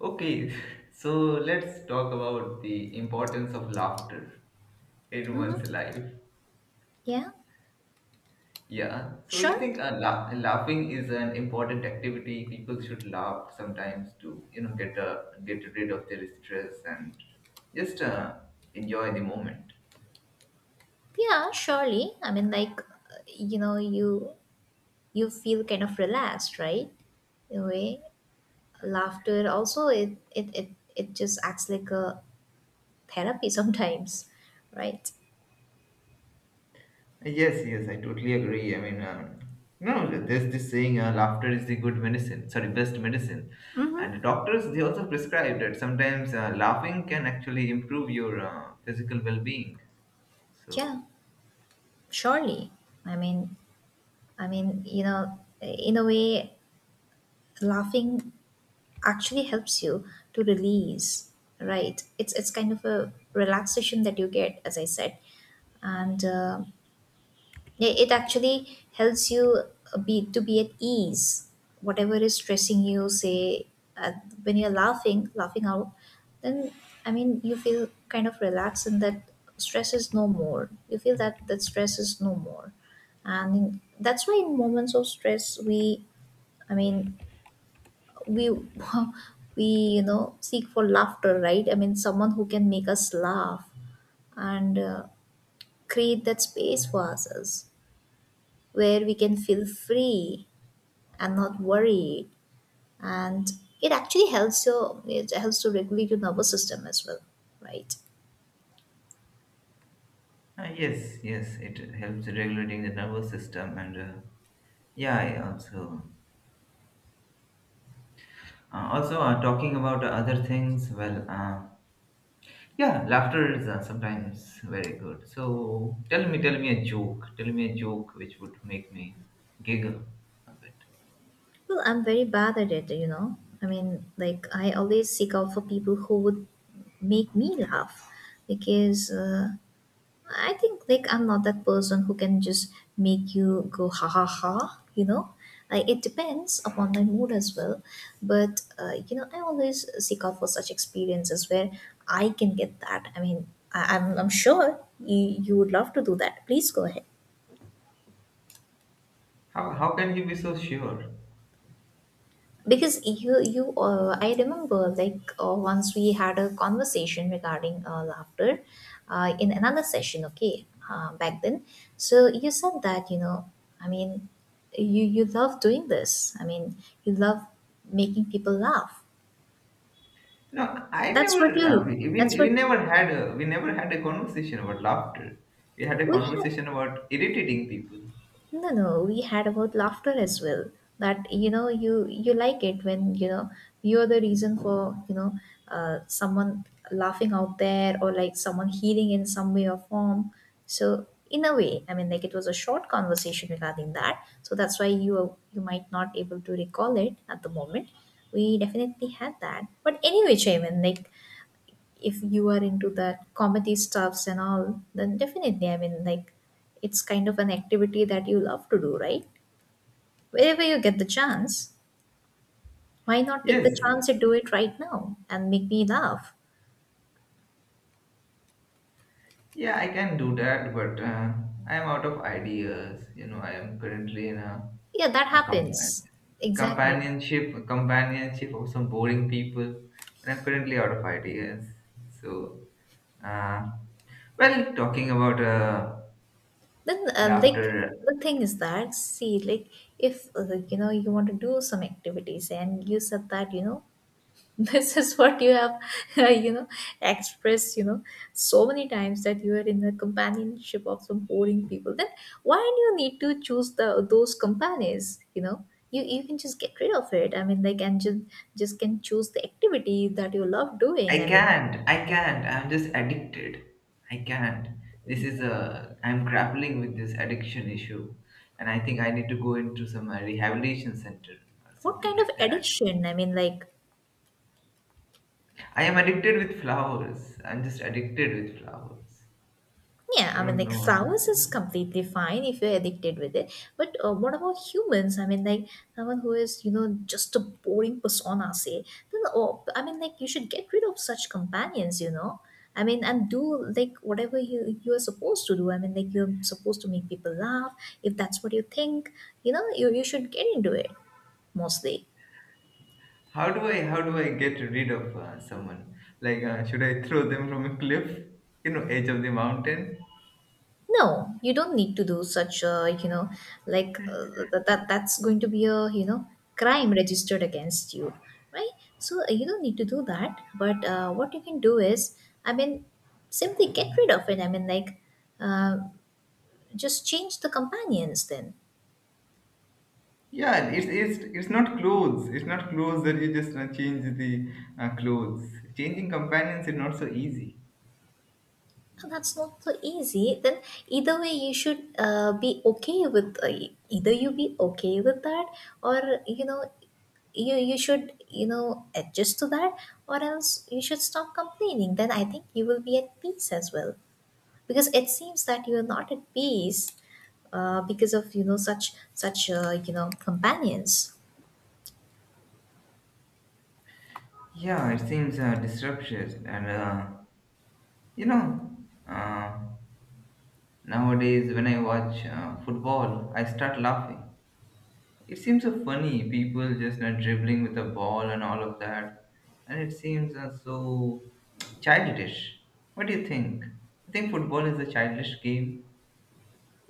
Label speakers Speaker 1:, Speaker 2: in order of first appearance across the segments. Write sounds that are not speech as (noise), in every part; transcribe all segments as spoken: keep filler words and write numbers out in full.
Speaker 1: Okay, (laughs) so let's talk about the importance of laughter in
Speaker 2: hmm
Speaker 1: one's life.
Speaker 2: Yeah,
Speaker 1: Yeah, so you
Speaker 2: sure.
Speaker 1: think uh, la- laughing is an important activity? People should laugh sometimes to, you know, get uh, get rid of their stress and just uh, enjoy the moment.
Speaker 2: Yeah, surely. I mean, like, uh, you know, you you feel kind of relaxed, right? In a way, laughter also it it it, it just acts like a therapy (laughs) sometimes, right?
Speaker 1: Yes, yes, I totally agree. I mean, um, no, there's this saying, uh, laughter is the good medicine, sorry, best medicine.
Speaker 2: Mm-hmm.
Speaker 1: And the doctors, they also prescribe that sometimes uh, laughing can actually improve your uh, physical well being. So,
Speaker 2: Yeah, surely. I mean, I mean, you know, in a way, laughing actually helps you to release, right? It's it's kind of a relaxation that you get, as I said, and. Uh, I- it actually helps you uh, be to be at ease whatever is stressing you say, uh, when you're laughing laughing out, then I mean you feel kind of relaxed, and that stress is no more. You feel that that stress is no more, and in, that's why in moments of stress we I mean we (laughs) we you know seek for laughter, right? I mean someone who can make us laugh and uh, create that space for ourselves where we can feel free and not worried, and it actually helps you. It helps to regulate your nervous system as well, right.
Speaker 1: uh, yes, yes, it helps regulating the nervous system. And uh, yeah, I also, uh, also uh, talking about other things, well, uh, yeah, laughter is uh, sometimes very good. So tell me, tell me a joke. Tell me a joke which would make me giggle a bit.
Speaker 2: Well, I'm very bad at it, you know. I mean, like, I always seek out for people who would make me laugh, because uh, I think like I'm not that person who can just make you go ha ha ha, you know. Like it depends upon my mood as well. But uh, you know, I always seek out for such experiences where I can get that. I mean, I, I'm I'm sure you you would love to do that. Please go ahead.
Speaker 1: How how can you be so sure?
Speaker 2: Because you you uh, I remember, like, uh, once we had a conversation regarding uh, laughter uh, in another session, okay, uh, back then. So you said that, you know, I mean, you you love doing this, I mean, you love making people laugh.
Speaker 1: No, I
Speaker 2: That's
Speaker 1: never.
Speaker 2: what
Speaker 1: Uh, we,
Speaker 2: you
Speaker 1: we
Speaker 2: that's
Speaker 1: we
Speaker 2: what
Speaker 1: never had a we never had a conversation about laughter. We had a
Speaker 2: we had
Speaker 1: conversation about irritating people.
Speaker 2: No, no, we had about laughter as well. That you know, you you like it when you know you're the reason for, you know, uh, someone laughing out there, or like someone healing in some way or form. So in a way, I mean, like, it was a short conversation regarding that. So that's why you are- you might not able to recall it at the moment. We definitely had that. But anyway, Chaiman, like, if you are into that comedy stuffs and all, then definitely, I mean, like, it's kind of an activity that you love to do, right? Wherever you get the chance, why not take the
Speaker 1: Yes,
Speaker 2: chance and do it right now and make me laugh?
Speaker 1: yeah, I can do that, but uh, I am out of ideas. You know, I am currently in a,
Speaker 2: Yeah, that
Speaker 1: a compa-
Speaker 2: happens. Exactly.
Speaker 1: companionship, companionship of some boring people, and I'm currently out of ideas. So, uh, well, talking about uh,
Speaker 2: Then, uh, like,
Speaker 1: laughter,
Speaker 2: the thing is that, see, like, if, uh, like, you know, you want to do some activities, and you said that, you know, (laughs) this is what you have (laughs) you know expressed, you know, so many times, that you are in the companionship of some boring people. Then why do you need to choose the those companies, you know? You you can just get rid of it. I mean, like, and just just can choose the activity that you love doing,
Speaker 1: I
Speaker 2: I mean.
Speaker 1: can't. I can't. I'm just addicted. I can't. This is a. I'm grappling with this addiction issue, and I think I need to go into some uh, rehabilitation center or
Speaker 2: What
Speaker 1: something
Speaker 2: kind of
Speaker 1: like that.
Speaker 2: addiction? I mean, like.
Speaker 1: I am addicted with flowers. I'm just addicted with flowers.
Speaker 2: Yeah,
Speaker 1: I
Speaker 2: I mean,
Speaker 1: don't
Speaker 2: like,
Speaker 1: know.
Speaker 2: flowers is completely fine if you're addicted with it. But uh, what about humans? I mean, like, someone who is, you know, just a boring persona, say, then, oh, I mean, like, you should get rid of such companions, you know? I mean, and do like whatever you, you are supposed to do. I mean, like, you're supposed to make people laugh. If that's what you think, you know, you, you should get into it, mostly.
Speaker 1: How do I how do I get rid of uh, someone? Like uh, should I throw them from a cliff? You know, edge of the mountain.
Speaker 2: No, you don't need to do such a, you know, like, uh, that, that that's going to be a, you know, crime registered against you, right? So uh, you don't need to do that. But uh, what you can do is, I mean, simply get rid of it. I mean, like, uh, just change the companions then.
Speaker 1: Yeah, it's it's it's not clothes. It's not clothes that you just uh, change the uh, clothes. Changing companions is not so easy.
Speaker 2: So that's not so easy. Then either way, you should uh, be okay with uh, e-, either you be okay with that, or, you know, you you should, you know, adjust to that, or else you should stop complaining. Then I think you will be at peace as well, because it seems that you are not at peace uh, because of, you know, such such uh, you know companions.
Speaker 1: Yeah, it seems uh, disruptive, and uh, you know, uh, nowadays when I watch uh, football, I start laughing. It seems so funny, people just uh, dribbling with a ball and all of that, and it seems uh, so childish. What do you think? You think football is a childish game?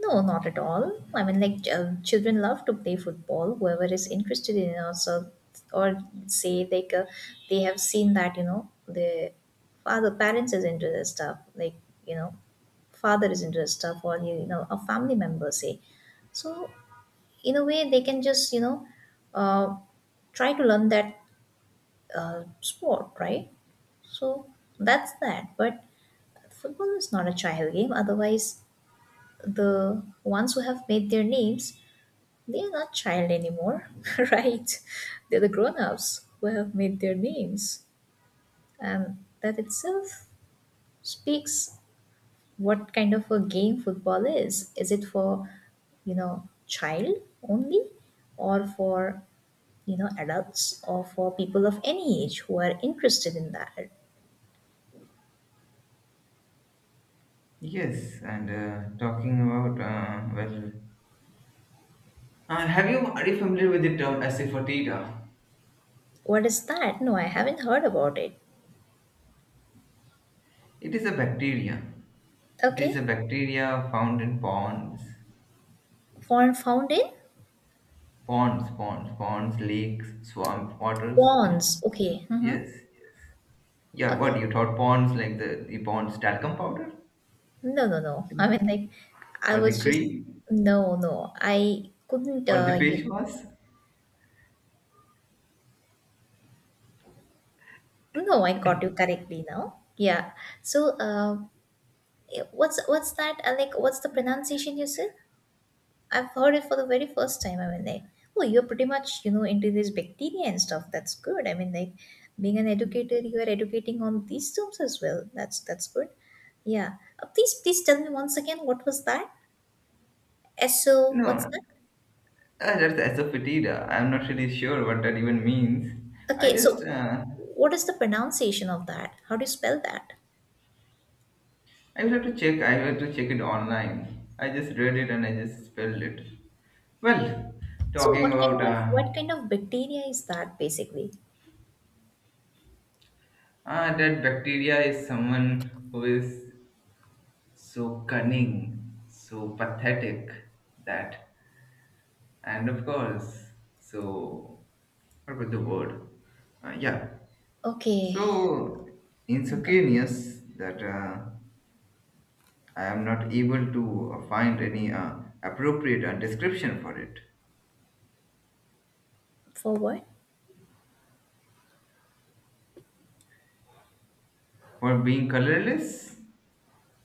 Speaker 2: No, not at all. I mean, like, ch- uh, children love to play football. Whoever is interested in it also, or say like, uh, they have seen that, you know, the father parents is into this stuff. Like, you know, father is into this stuff, or you you know, a family member say. So in a way, they can just, you know, uh, try to learn that uh, sport, right? So that's that. But football is not a child game. Otherwise, the ones who have made their names, they are not child anymore, (laughs) right? They're the grown-ups who have made their names. And that itself speaks what kind of a game football is. Is it for, you know, child only, or for, you know, adults, or for people of any age who are interested in that?
Speaker 1: Yes, and uh, talking about, uh, well, uh, have you, are you familiar with the term Asafoetida?
Speaker 2: What is that? No, I haven't heard about it.
Speaker 1: It is a bacteria. It is
Speaker 2: Okay.
Speaker 1: a bacteria found in ponds,
Speaker 2: Found found in?
Speaker 1: ponds, ponds, ponds, lakes, swamp waters, you know?
Speaker 2: Bonds. Okay.
Speaker 1: Yes,
Speaker 2: Mm-hmm.
Speaker 1: yes. Yeah,
Speaker 2: Okay.
Speaker 1: what you thought Pond's like the the Pond's talcum powder,
Speaker 2: No, no, no. I mean, like, I
Speaker 1: or the
Speaker 2: was just,
Speaker 1: cream,
Speaker 2: no, no. I couldn't,
Speaker 1: or the
Speaker 2: uh, you,
Speaker 1: face wash?
Speaker 2: no, I got you correctly now. Yeah. So, uh, eh, what's, what's that? Uh, like, what's the pronunciation you said? I've heard it for the very first time. I mean, like, oh, you're pretty much, you know, into this bacteria and stuff. That's good. I mean, like, being an educator, you are educating on these terms as well. That's, that's good. Yeah. Uh, please, please tell me once again, what was that? SO,
Speaker 1: No,
Speaker 2: what's
Speaker 1: uh,
Speaker 2: that?
Speaker 1: that's asafoetida. I'm not really sure what that even means. I
Speaker 2: Okay,
Speaker 1: just
Speaker 2: so
Speaker 1: uh,
Speaker 2: what is the pronunciation of that? How do you spell that?
Speaker 1: I will have to check. I will have to check it online. I just read it and I just spelled it. Well,
Speaker 2: So
Speaker 1: talking
Speaker 2: what
Speaker 1: about
Speaker 2: kind of
Speaker 1: uh,
Speaker 2: what kind of bacteria is that basically?
Speaker 1: ah, that bacteria is someone who is so cunning, so pathetic that. And of course, so what about the word? Uh, yeah.
Speaker 2: Okay,
Speaker 1: So
Speaker 2: I got you.
Speaker 1: insuccaneous that uh, I am not able to uh, find any uh, appropriate uh, description for it.
Speaker 2: For what?
Speaker 1: For being colorless,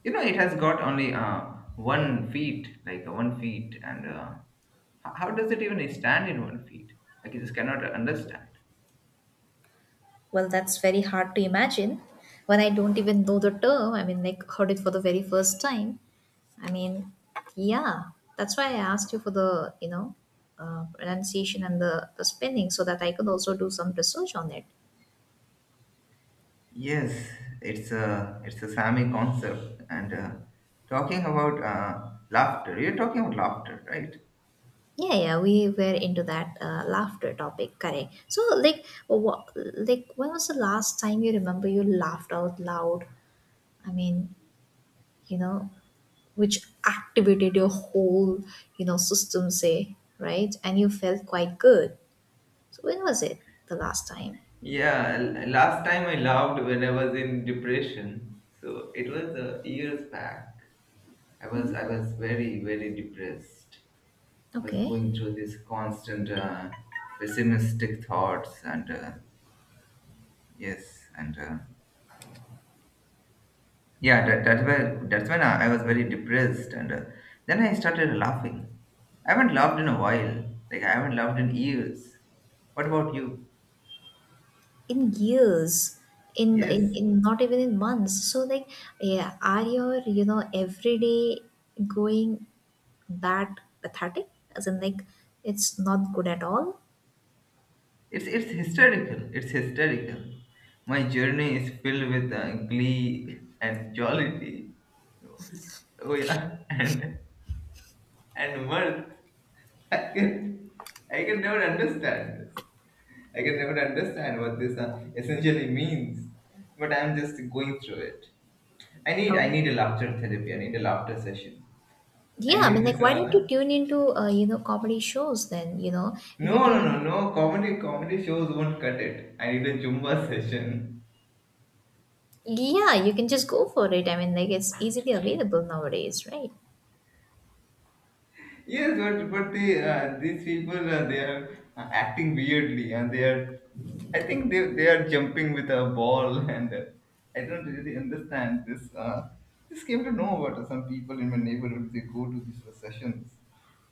Speaker 1: you know, it has got only uh, one feet, like uh, one feet, and uh, h- how does it even stand in one feet? Like, I just cannot understand.
Speaker 2: Well, that's very hard to imagine when I don't even know the term. I mean, like, heard it for the very first time. I mean, yeah, that's why I asked you for the, you know, uh, pronunciation and the the spelling, so that I could also do some research on it.
Speaker 1: Yes, it's a it's a Sami concept. And uh, talking about uh, laughter, you're talking about laughter, right?
Speaker 2: Yeah, yeah, we were into that uh, laughter topic, correct? So, like, what, like, when was the last time you remember you laughed out loud? I mean, you know, which activated your whole, you know, system, say, right? And you felt quite good. So, when was it the last time?
Speaker 1: Yeah, l- last time I laughed when I was in depression. So it was uh, years back. I was I was very very depressed. I was
Speaker 2: Okay.
Speaker 1: going through this constant uh, pessimistic thoughts and uh, yes and uh, yeah, that, that's why that's when I, I was very depressed, and uh, then I started laughing. I haven't laughed in a while. Like I haven't laughed in years. What about you?
Speaker 2: In years? In, in
Speaker 1: Yes,
Speaker 2: in not even in months, so like, yeah, are your, you know, everyday going that pathetic, as in like, it's not good at all.
Speaker 1: it's it's hysterical. It's hysterical. My journey is filled with uh, glee and jollity. Oh yeah, (laughs) and and mirth. (laughs) I can I can never understand this. I can never understand what this uh, essentially means, but I'm just going through it. I need
Speaker 2: Oh,
Speaker 1: I need a laughter therapy. I need a laughter session. I
Speaker 2: yeah, I mean,
Speaker 1: need
Speaker 2: like,
Speaker 1: this.
Speaker 2: why don't you
Speaker 1: Uh,
Speaker 2: tune into, uh, you know, comedy shows then, you know, if
Speaker 1: no,
Speaker 2: you
Speaker 1: no,
Speaker 2: tune in?
Speaker 1: no, no. Comedy comedy shows won't cut it. I need a Zumba (laughs) session.
Speaker 2: Yeah, you can just go for it. I mean, like, it's easily available nowadays, right?
Speaker 1: Yes, but but the uh, these people uh, they are uh, acting weirdly and they are. I think they they are jumping with a ball (laughs) and uh, I don't really understand this. Uh, just came to know about some people in my neighborhood. They go to these uh, sessions.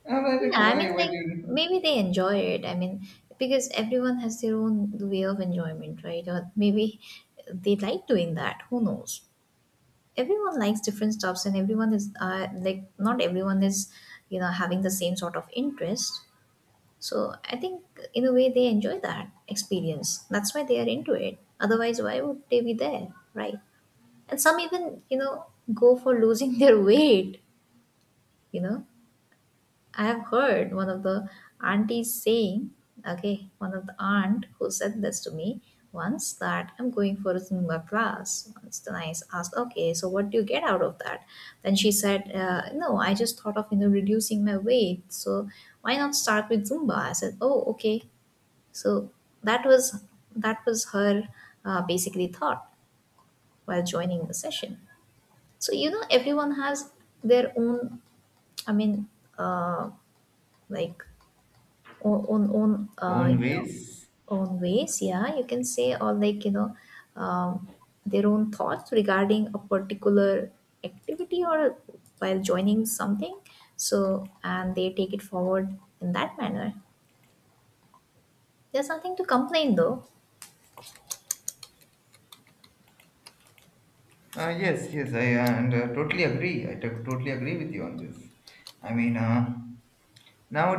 Speaker 1: And I'm like,
Speaker 2: Yeah,
Speaker 1: "Okay,
Speaker 2: I
Speaker 1: why
Speaker 2: mean,
Speaker 1: why
Speaker 2: like,
Speaker 1: do you
Speaker 2: maybe they enjoy it. I mean, because everyone has their own way of enjoyment, right? Or maybe they like doing that. Who knows? Everyone likes different stuffs, and everyone is, uh, like, not everyone is, you know, having the same sort of interest. So I think in a way they enjoy that experience. That's why they are into it. Otherwise, why would they be there, right? And some even, you know, go for losing (laughs) their weight. You know, I have heard one of the aunties saying, okay, one of the aunt who said this to me once, that I'm going for a Zumba class. Once then I asked, okay, so what do you get out of that? Then she said, uh, no, I just thought of, you know, reducing my weight, so why not start with Zumba? I said, oh, okay. So that was that was her, uh, basically, thought while joining the session. So, you know, everyone has their own. I mean, uh, like, own own, own, uh,
Speaker 1: own
Speaker 2: you know.
Speaker 1: ways?"
Speaker 2: Own ways, yeah, you can say, or like, you know, um, their own thoughts regarding a particular activity, or while joining something. So, and they take it forward in that manner. There's nothing to complain, though.
Speaker 1: Uh, yes, yes, I uh, and uh, totally agree. I to- totally agree with you on this. I mean, uh,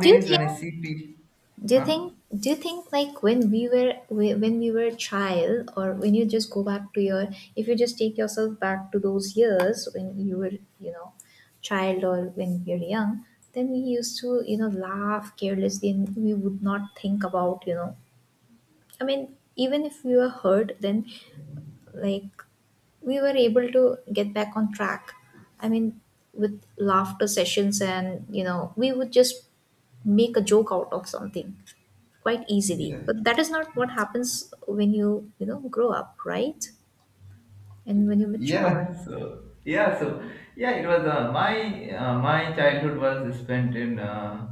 Speaker 2: do you think
Speaker 1: when I see people,
Speaker 2: Do you
Speaker 1: huh?
Speaker 2: think do you think, like, when we were whe- when we were a child, or when you just go back to your, if you just take yourself back to those years when you were, you know, child, or when you're young, then we used to, you know, laugh carelessly, and we would not think about, you know, I mean, even if we were hurt then, like, we were able to get back on track, I mean, with laughter sessions, and you know, we would just make a joke out of something quite easily.
Speaker 1: Yes,
Speaker 2: But that is not what happens when you, you know, grow up, right? And when you mature.
Speaker 1: yeah. (laughs) So yeah, so yeah, it was uh, my uh, my childhood was spent in uh,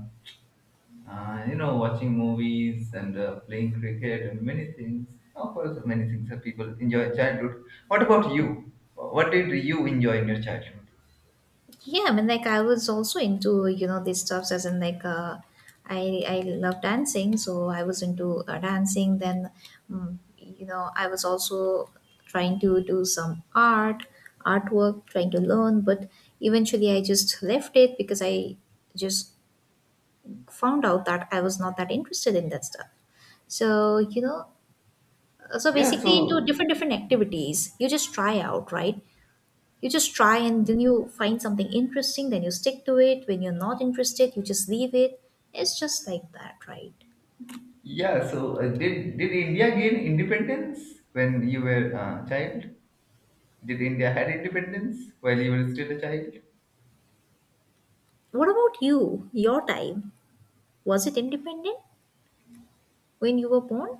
Speaker 1: uh, you know watching movies and uh, playing cricket and many things. Of course, many things that people enjoy in childhood. What about you? What did you enjoy in your childhood?
Speaker 2: Yeah, I mean, like I was also into, you know, these stuffs as in like uh, I I love dancing, so I was into uh, dancing. Then, mm, you know, I was also trying to do some art, artwork, trying to learn. But eventually, I just left it because I just found out that I was not that interested in that stuff. So, you know, Uh, so
Speaker 1: Yeah,
Speaker 2: basically into
Speaker 1: so
Speaker 2: different different activities you just try out, right? You just try, and then you find something interesting, then you stick to it. When you're not interested, you just leave it. It's just like that, right?
Speaker 1: Yeah, so uh, did did India gain independence when you were a child? Did India had independence while you were still a child?
Speaker 2: What about you? Your time, was it independent when you were born?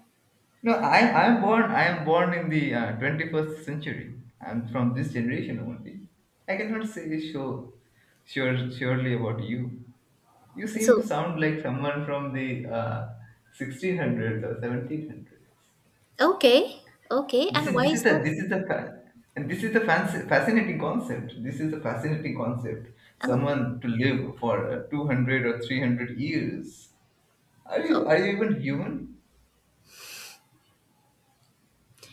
Speaker 1: No, I I'm born I'm born in the uh, twenty-first century. I'm from this generation only. I cannot say sure, sure surely about you. You seem to
Speaker 2: So
Speaker 1: sound like someone from the uh, sixteen hundreds or seventeen hundreds.
Speaker 2: okay, okay,
Speaker 1: This
Speaker 2: and
Speaker 1: is
Speaker 2: why
Speaker 1: this is
Speaker 2: is
Speaker 1: the
Speaker 2: that?
Speaker 1: this is the fa- and this is the fancy, fascinating concept. This is a fascinating concept.
Speaker 2: and
Speaker 1: Someone to live for uh, two hundred or three hundred years. Are
Speaker 2: uh,
Speaker 1: you are you even human?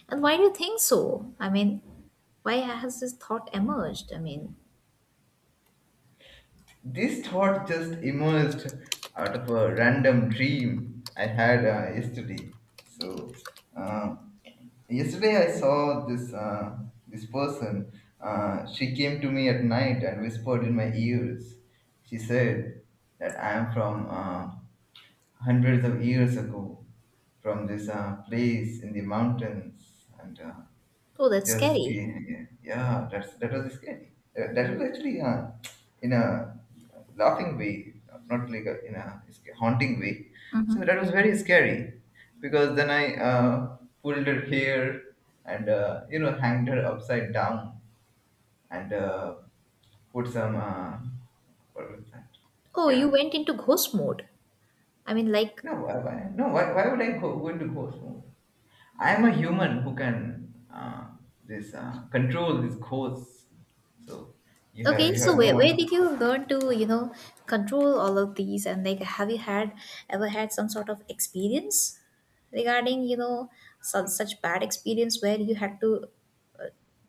Speaker 2: and why do you think so? I mean, why has this thought emerged? I mean,
Speaker 1: This thought just emerged out of a random dream I had uh, yesterday. So uh, yesterday I saw this uh, this person. Uh, she came to me at night and whispered in my ears. She said that I am from, Uh, hundreds of years ago from this uh, place in the mountains and uh,
Speaker 2: oh, that's
Speaker 1: just
Speaker 2: scary.
Speaker 1: ca- yeah, that's that was scary. Uh, that was actually uh, in a laughing way, not not like a, in a sca- haunting way, so that was very scary, because then I uh, pulled her hair and uh, you know hanged her upside down and uh, put some uh, what was that?
Speaker 2: Oh, you
Speaker 1: Yeah,
Speaker 2: went into ghost mode. I mean, like,
Speaker 1: no. Why, why no why, why would I go, go into ghost mode? I'm a human who can uh, this uh, control this course. So you have
Speaker 2: okay,
Speaker 1: you
Speaker 2: so
Speaker 1: have no
Speaker 2: where, where
Speaker 1: one.
Speaker 2: did you learn to, you know, control all of these? And like, have you had ever had some sort of experience regarding, you know, such such bad experience where you had to uh,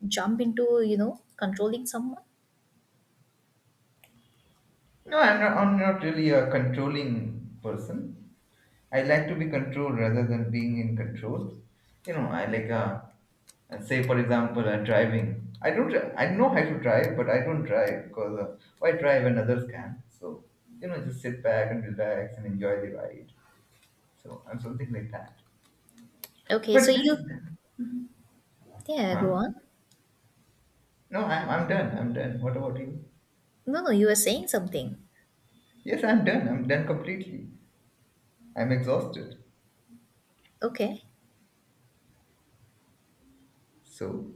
Speaker 2: jump into, you know, controlling someone?
Speaker 1: No, I'm not. I'm not really a controlling person. I like to be controlled rather than being in control. You know, I like uh, uh, say for example, uh, driving. I don't. dri- I know how to drive, but I don't drive because uh, why drive when others can? So you know, just sit back and relax and enjoy the ride. So I'm something like that.
Speaker 2: Okay,
Speaker 1: But
Speaker 2: so
Speaker 1: this,
Speaker 2: you, yeah, go
Speaker 1: huh?
Speaker 2: on.
Speaker 1: No, I'm, I'm done. I'm done. What about you?
Speaker 2: No, no, you were saying something.
Speaker 1: Yes, I'm done. I'm done completely. I'm exhausted.
Speaker 2: Okay.
Speaker 1: So,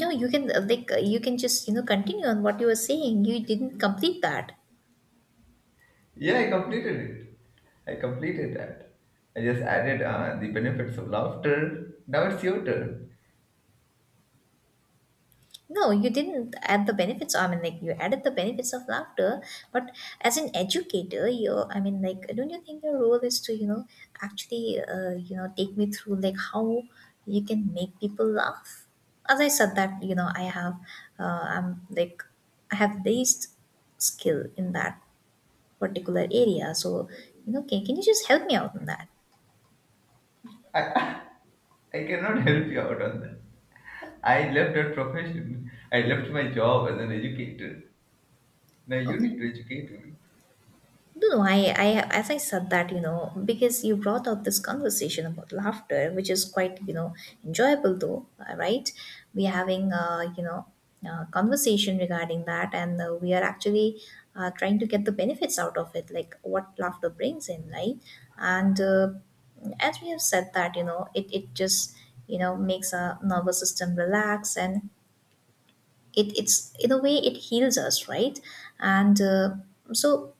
Speaker 2: No, you can uh, like uh, you can just, you know, continue on what you were saying. You didn't complete that.
Speaker 1: yeah, I completed it. I completed that. I just added uh, the benefits of laughter. Now it's your turn.
Speaker 2: No, you didn't add the benefits. I mean, like, you added the benefits of laughter, but as an educator, you, I mean, like, don't you think your role is to, you know, actually, uh, you know, take me through like how you can make people laugh? As I said that, you know, I have, uh, I'm like, I have this skill in that particular area. So, you know, can, can you just help me out on that?
Speaker 1: I, (laughs) I cannot help you out on that. I left that profession. I left my job as an educator. Now you
Speaker 2: Okay.
Speaker 1: need to educate me.
Speaker 2: No, no, I, I, as I said that, you know, because you brought up this conversation about laughter, which is quite, you know, enjoyable though, uh, right? We're having, uh, you know, uh, conversation regarding that, and uh, we are actually uh, trying to get the benefits out of it, like what laughter brings in, right? And uh, as we have said that, you know, it, it just, you know, makes our nervous system relax, and it it's in a way it heals us, right? And uh, so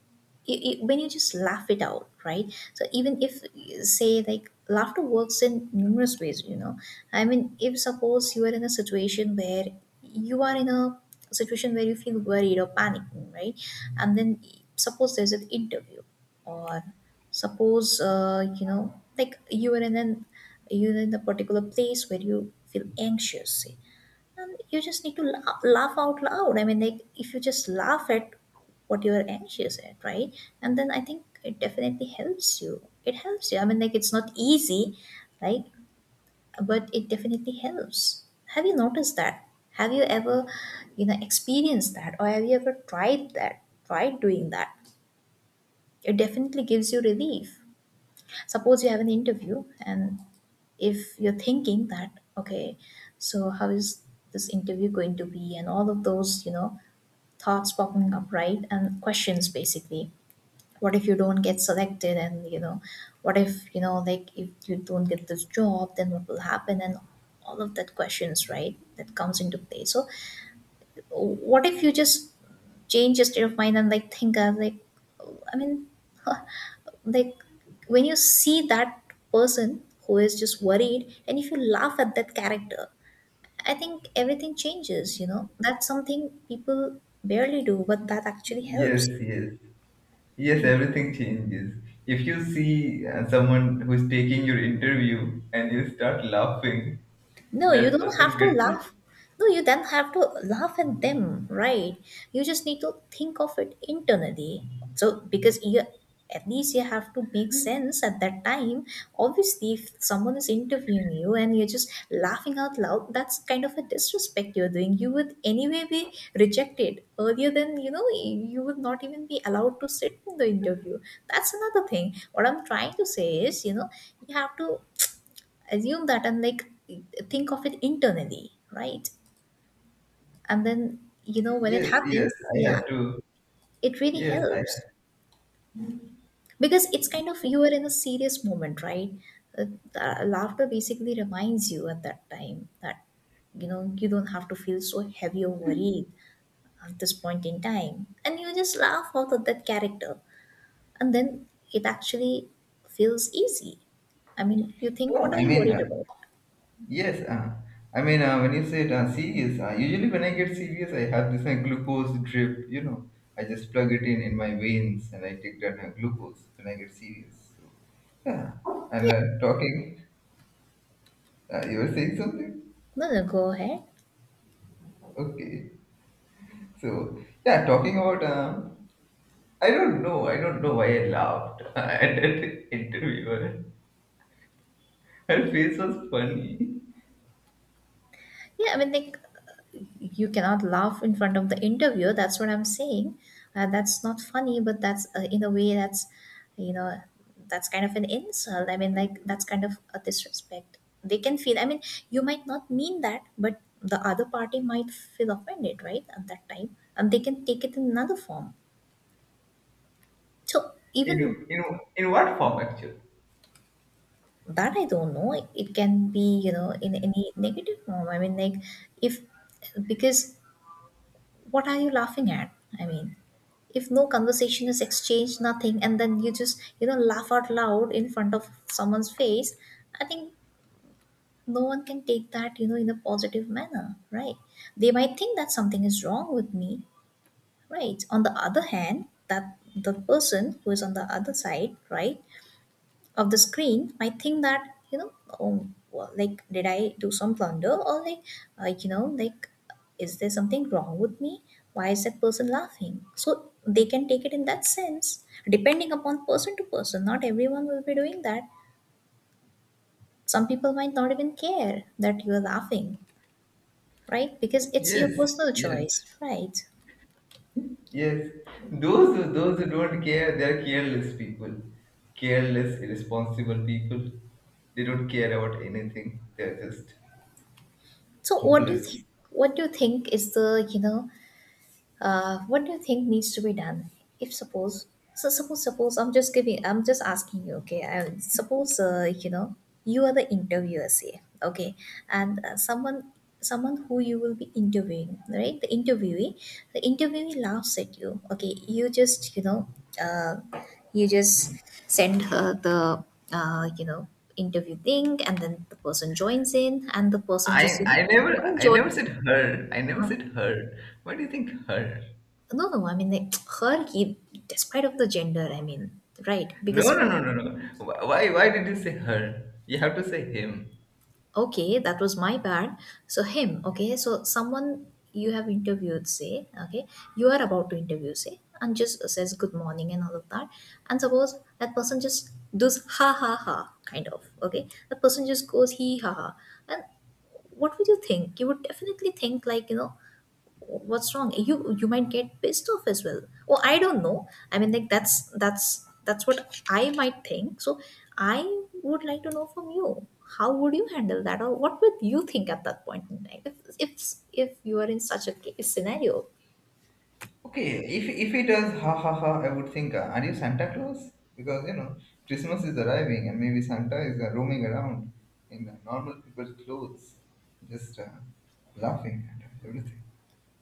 Speaker 2: you, you, when you just laugh it out, right? So even if, say, like, laughter works in numerous ways, you know, I mean, if suppose you are in a situation where you are in a situation where you feel worried or panicking, right? And then, suppose there's an interview, or suppose uh, you know, like, you are in an you're in a particular place where you feel anxious, say, and you just need to laugh, laugh out loud. I mean, like, if you just laugh at what you're anxious at, right? And then, I think it definitely helps you. It helps you. I mean, like, it's not easy, right? But it definitely helps. Have you noticed that? Have you ever, you know, experienced that? Or have you ever tried that tried doing that? It definitely gives you relief. Suppose you have an interview, and if you're thinking that, okay, so how is this interview going to be, and all of those, you know, thoughts popping up, right? And questions basically. What if you don't get selected, and you know, what if, you know, like, if you don't get this job, then what will happen? And all of that questions, right, that comes into play. So, what if you just change your state of mind and like think of like, I mean, (laughs) like, when you see that person who is just worried, and if you laugh at that character, I think everything changes, you know. That's something people barely do, but that actually
Speaker 1: Yes,
Speaker 2: helps.
Speaker 1: yes. Yes, everything changes. If you see uh, someone who's taking your interview and you start laughing,
Speaker 2: No, you
Speaker 1: that
Speaker 2: don't have
Speaker 1: person
Speaker 2: to
Speaker 1: gets
Speaker 2: laugh. No, you don't have to laugh at them, right? You just need to think of it internally. So, because you, at least, you have to make sense at that time. Obviously, if someone is interviewing you and you're just laughing out loud, that's kind of a disrespect you're doing. You would anyway be rejected earlier than, you know, you would not even be allowed to sit in the interview. That's another thing. What I'm trying to say is, you know, you have to assume that, and like, think of it internally, right? And then, you know, when it
Speaker 1: yes, yes,
Speaker 2: happens,
Speaker 1: I have
Speaker 2: yeah,
Speaker 1: to.
Speaker 2: it really
Speaker 1: Yes, I.
Speaker 2: helps, because it's kind of you are in a serious moment, right? Uh, uh, laughter basically reminds you at that time that, you know, you don't have to feel so heavy or worried at this point in time. And you just laugh out of that character. And then it actually feels easy. I mean, you think,
Speaker 1: No,
Speaker 2: what are
Speaker 1: I
Speaker 2: you
Speaker 1: mean,
Speaker 2: worried
Speaker 1: uh,
Speaker 2: about?
Speaker 1: yes, uh, I mean, uh, when you said uh, serious, uh, usually when I get serious I have this uh, glucose drip, you know I just plug it in in my veins and I take that uh, glucose when I get serious. So, yeah. And uh, talking uh, you were saying something.
Speaker 2: No, no, go ahead.
Speaker 1: Okay, so yeah, talking about uh, i don't know I don't know why I laughed (laughs) at that interviewer. Her face was funny.
Speaker 2: Yeah, I mean, like, you cannot laugh in front of the interviewer. That's what I'm saying. Uh, that's not funny, but that's uh, in a way that's, you know, that's kind of an insult. I mean, like, that's kind of a disrespect. They can feel, I mean, you might not mean that, but the other party might feel offended, right, at that time. And they can take it in another form. So even
Speaker 1: In, in, in what form actually?
Speaker 2: that I don't know. It, it can be, you know, in any negative form. I mean, like, if, because, what are you laughing at? I mean, if no conversation is exchanged, nothing, and then you just, you know, laugh out loud in front of someone's face, I think no one can take that, you know, in a positive manner, right? They might think that something is wrong with me, right? On the other hand, that the person who is on the other side, right, of the screen might think that, you know, oh well, like, did I do some blunder? Or like, uh, you know, like, is there something wrong with me? Why is that person laughing? So they can take it in that sense, depending upon person to person. Not everyone will be doing that. Some people might not even care that you are laughing, right? Because it's your
Speaker 1: Yes,
Speaker 2: personal
Speaker 1: yes,
Speaker 2: choice, right?
Speaker 1: yes. Those who, those who don't care, they're careless people, careless, irresponsible people. They don't care about anything. They're just
Speaker 2: So what do you
Speaker 1: hopeless.
Speaker 2: think? What do you think is the, you know, uh, what do you think needs to be done? If suppose, so suppose, suppose I'm just giving, I'm just asking you, okay? I, suppose, uh, you know, you are the interviewer, say, okay, and uh, someone, someone who you will be interviewing, right? The interviewee, the interviewee laughs at you, okay? You just, you know, uh, you just send her the, uh, you know, interview thing, and then the person joins in, and the person just,
Speaker 1: I
Speaker 2: you know,
Speaker 1: I never
Speaker 2: go
Speaker 1: I
Speaker 2: join.
Speaker 1: never said her. I never said her. Why do you think her?
Speaker 2: No, no, I mean, like, (tsk) her key, despite of the gender, I mean, right?
Speaker 1: No,
Speaker 2: Because
Speaker 1: no, no, no, no. Wh- Why why did you say her? You have to say him.
Speaker 2: okay, that was my bad. So him, okay, so someone you have interviewed, say, okay, you are about to interview, say, and just says good morning and all of that. And suppose that person just does ha ha ha kind of, okay? That person just goes he ha ha. And what would you think? You would definitely think like, you know, what's wrong, you you might get pissed off as well. Oh, I don't know. I mean, like, that's that's that's what I might think. So I would like to know from you, how would you handle that? Or what would you think at that point in time if if, if you are in such a ca- scenario?
Speaker 1: Okay, if if it was ha ha ha, I would think, uh, are you Santa Claus? Because you know Christmas is arriving, and maybe Santa is uh, roaming around in uh, normal people's clothes, just uh, laughing at everything.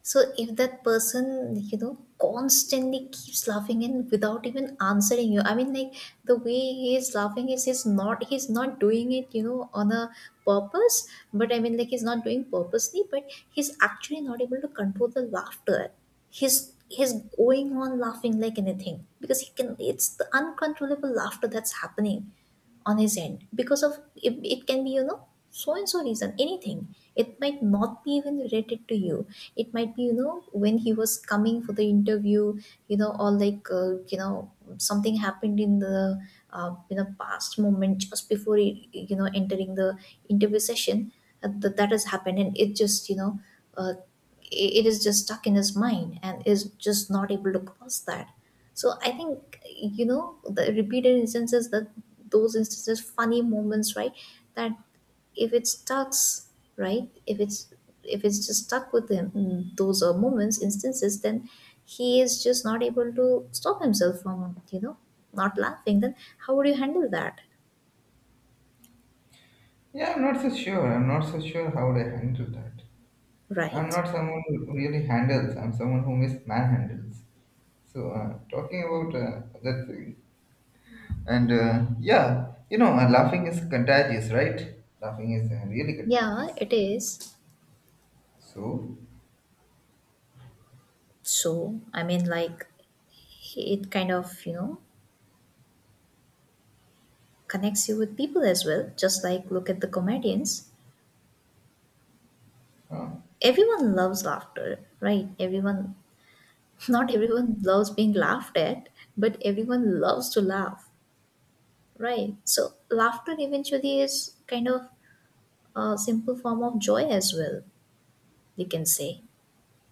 Speaker 2: So if that person, you know, constantly keeps laughing and without even answering you, I mean, like, the way he is laughing is he's not he's not doing it, you know, on a purpose. But I mean, like, he's not doing purposely, but he's actually not able to control the laughter. He's he's going on laughing like anything because he can. It's the uncontrollable laughter that's happening on his end, because of it, it can be, you know, so and so reason, anything. It might not be even related to you. It might be, you know, when he was coming for the interview, you know, or like, uh, you know, something happened in the uh, you know, past moment, just before he, you know, entering the interview session, uh, that that has happened. And it just, you know, uh, it it is just stuck in his mind and is just not able to cross that. So I think, you know, the repeated instances, that those instances, funny moments, right, that if it starts, right, if it's, if it's just stuck with him, mm, those uh, moments instances, then he is just not able to stop himself from, you know, not laughing. Then how would you handle that?
Speaker 1: Yeah, I'm not so sure. I'm not so sure how would I handle that. I'm
Speaker 2: Right,
Speaker 1: not someone who really handles. I'm someone who mis manhandles. So uh, talking about uh, that thing, and uh, yeah, you know, uh, laughing is contagious, right? Laughing is uh, really
Speaker 2: yeah,
Speaker 1: contagious.
Speaker 2: it is.
Speaker 1: So.
Speaker 2: So I mean, like, it kind of, you know, connects you with people as well, just like, look at the comedians,
Speaker 1: Uh,
Speaker 2: everyone loves laughter, right? Everyone, (laughs) not everyone loves being laughed at, but everyone loves to laugh, right? So laughter eventually is kind of a simple form of joy as well, you can say.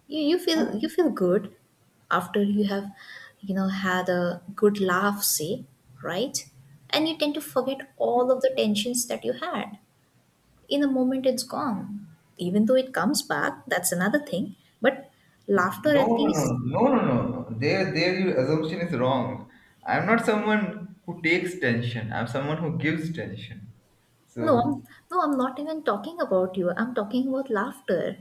Speaker 2: You, you feel you
Speaker 1: (laughs)
Speaker 2: feel good after you have, you know, had a good laugh, say, right? And you tend to forget all of the tensions that you had, in a moment it's gone. Even though it comes back, that's another thing. But laughter
Speaker 1: No,
Speaker 2: at
Speaker 1: no,
Speaker 2: least,
Speaker 1: no, no, no, no. No. There, there, your assumption is wrong. I'm not someone who takes tension. I'm someone who gives tension.
Speaker 2: no,
Speaker 1: So,
Speaker 2: I'm, no, I'm not even talking about you. I'm talking about laughter.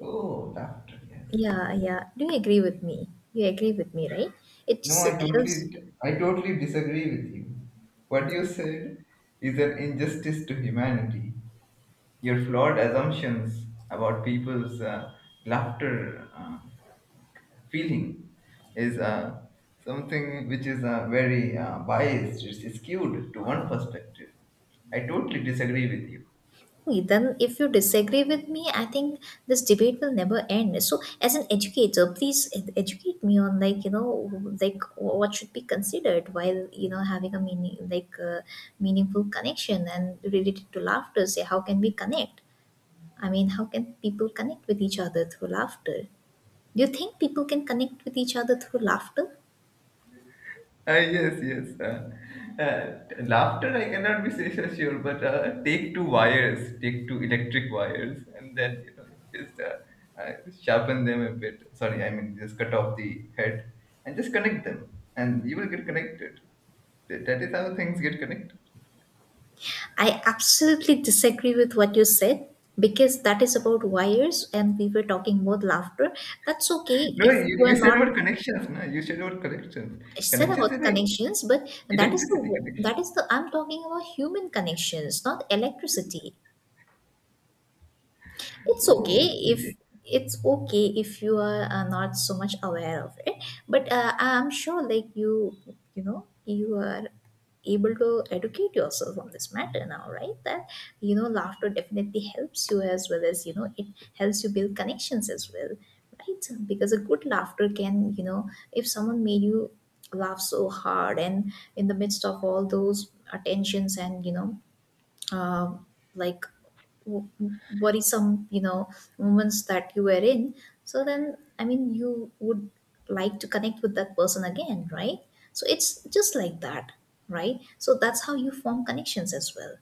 Speaker 1: oh, laughter. Yes,
Speaker 2: Yeah,
Speaker 1: yes.
Speaker 2: yeah. Do you agree with me? You agree with me, right? It
Speaker 1: No,
Speaker 2: just
Speaker 1: I
Speaker 2: helps.
Speaker 1: totally, I totally disagree with you. What you said is an injustice to humanity. Your flawed assumptions about people's uh, laughter. Uh, feeling is uh, something which is uh, very uh, biased. It's skewed to one perspective. I totally disagree with you.
Speaker 2: Then, if you disagree with me, I think this debate will never end. So, as an educator, please ed- educate me on, like, you know, like, what should be considered while, you know, having a meaning, like, uh, meaningful connection and related to laughter. Say, how can we connect? I mean, how can people connect with each other through laughter? Do you think people can connect with each other through laughter?
Speaker 1: Uh, yes, yes. Uh, uh, laughter, I cannot be so so sure, but uh, take two wires, take two electric wires, and then you know just uh, uh, sharpen them a bit. Sorry, I mean just cut off the head and just connect them, and you will get connected. That that is how things get connected.
Speaker 2: I absolutely disagree with what you said, because that is about wires and we were talking about laughter. That's okay
Speaker 1: No,
Speaker 2: if
Speaker 1: you, you
Speaker 2: we're
Speaker 1: said
Speaker 2: not,
Speaker 1: about connections, no? You said about connections.
Speaker 2: I said
Speaker 1: Connections is
Speaker 2: about
Speaker 1: like
Speaker 2: connections, but that is
Speaker 1: electricity
Speaker 2: the
Speaker 1: connection.
Speaker 2: that is the I'm talking about human connections, not electricity. It's okay
Speaker 1: Oh,
Speaker 2: if,
Speaker 1: yeah.
Speaker 2: it's okay if you are, uh, not so much aware of it, but uh, I'm sure, like, you you know, you are able to educate yourself on this matter now, right? That, you know, laughter definitely helps you as well, as you know it helps you build connections as well, right? Because a good laughter can, you know, if someone made you laugh so hard, and in the midst of all those attentions, and you know, uh, like, w- worrisome, you know, moments that you were in, so then, I mean, you would like to connect with that person again, right? So it's just like that, right? So that's how you form connections as well.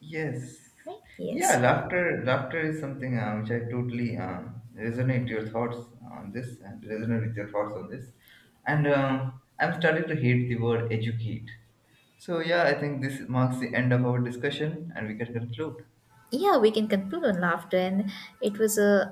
Speaker 1: Yes.
Speaker 2: Right,
Speaker 1: Yeah,
Speaker 2: yes.
Speaker 1: laughter laughter is something uh, which I totally uh, resonate your thoughts on this and resonate with your thoughts on this. And uh, I'm starting to hate the word educate. So yeah, I think this marks the end of our discussion and we can conclude.
Speaker 2: Yeah, we can conclude on laughter, and it was a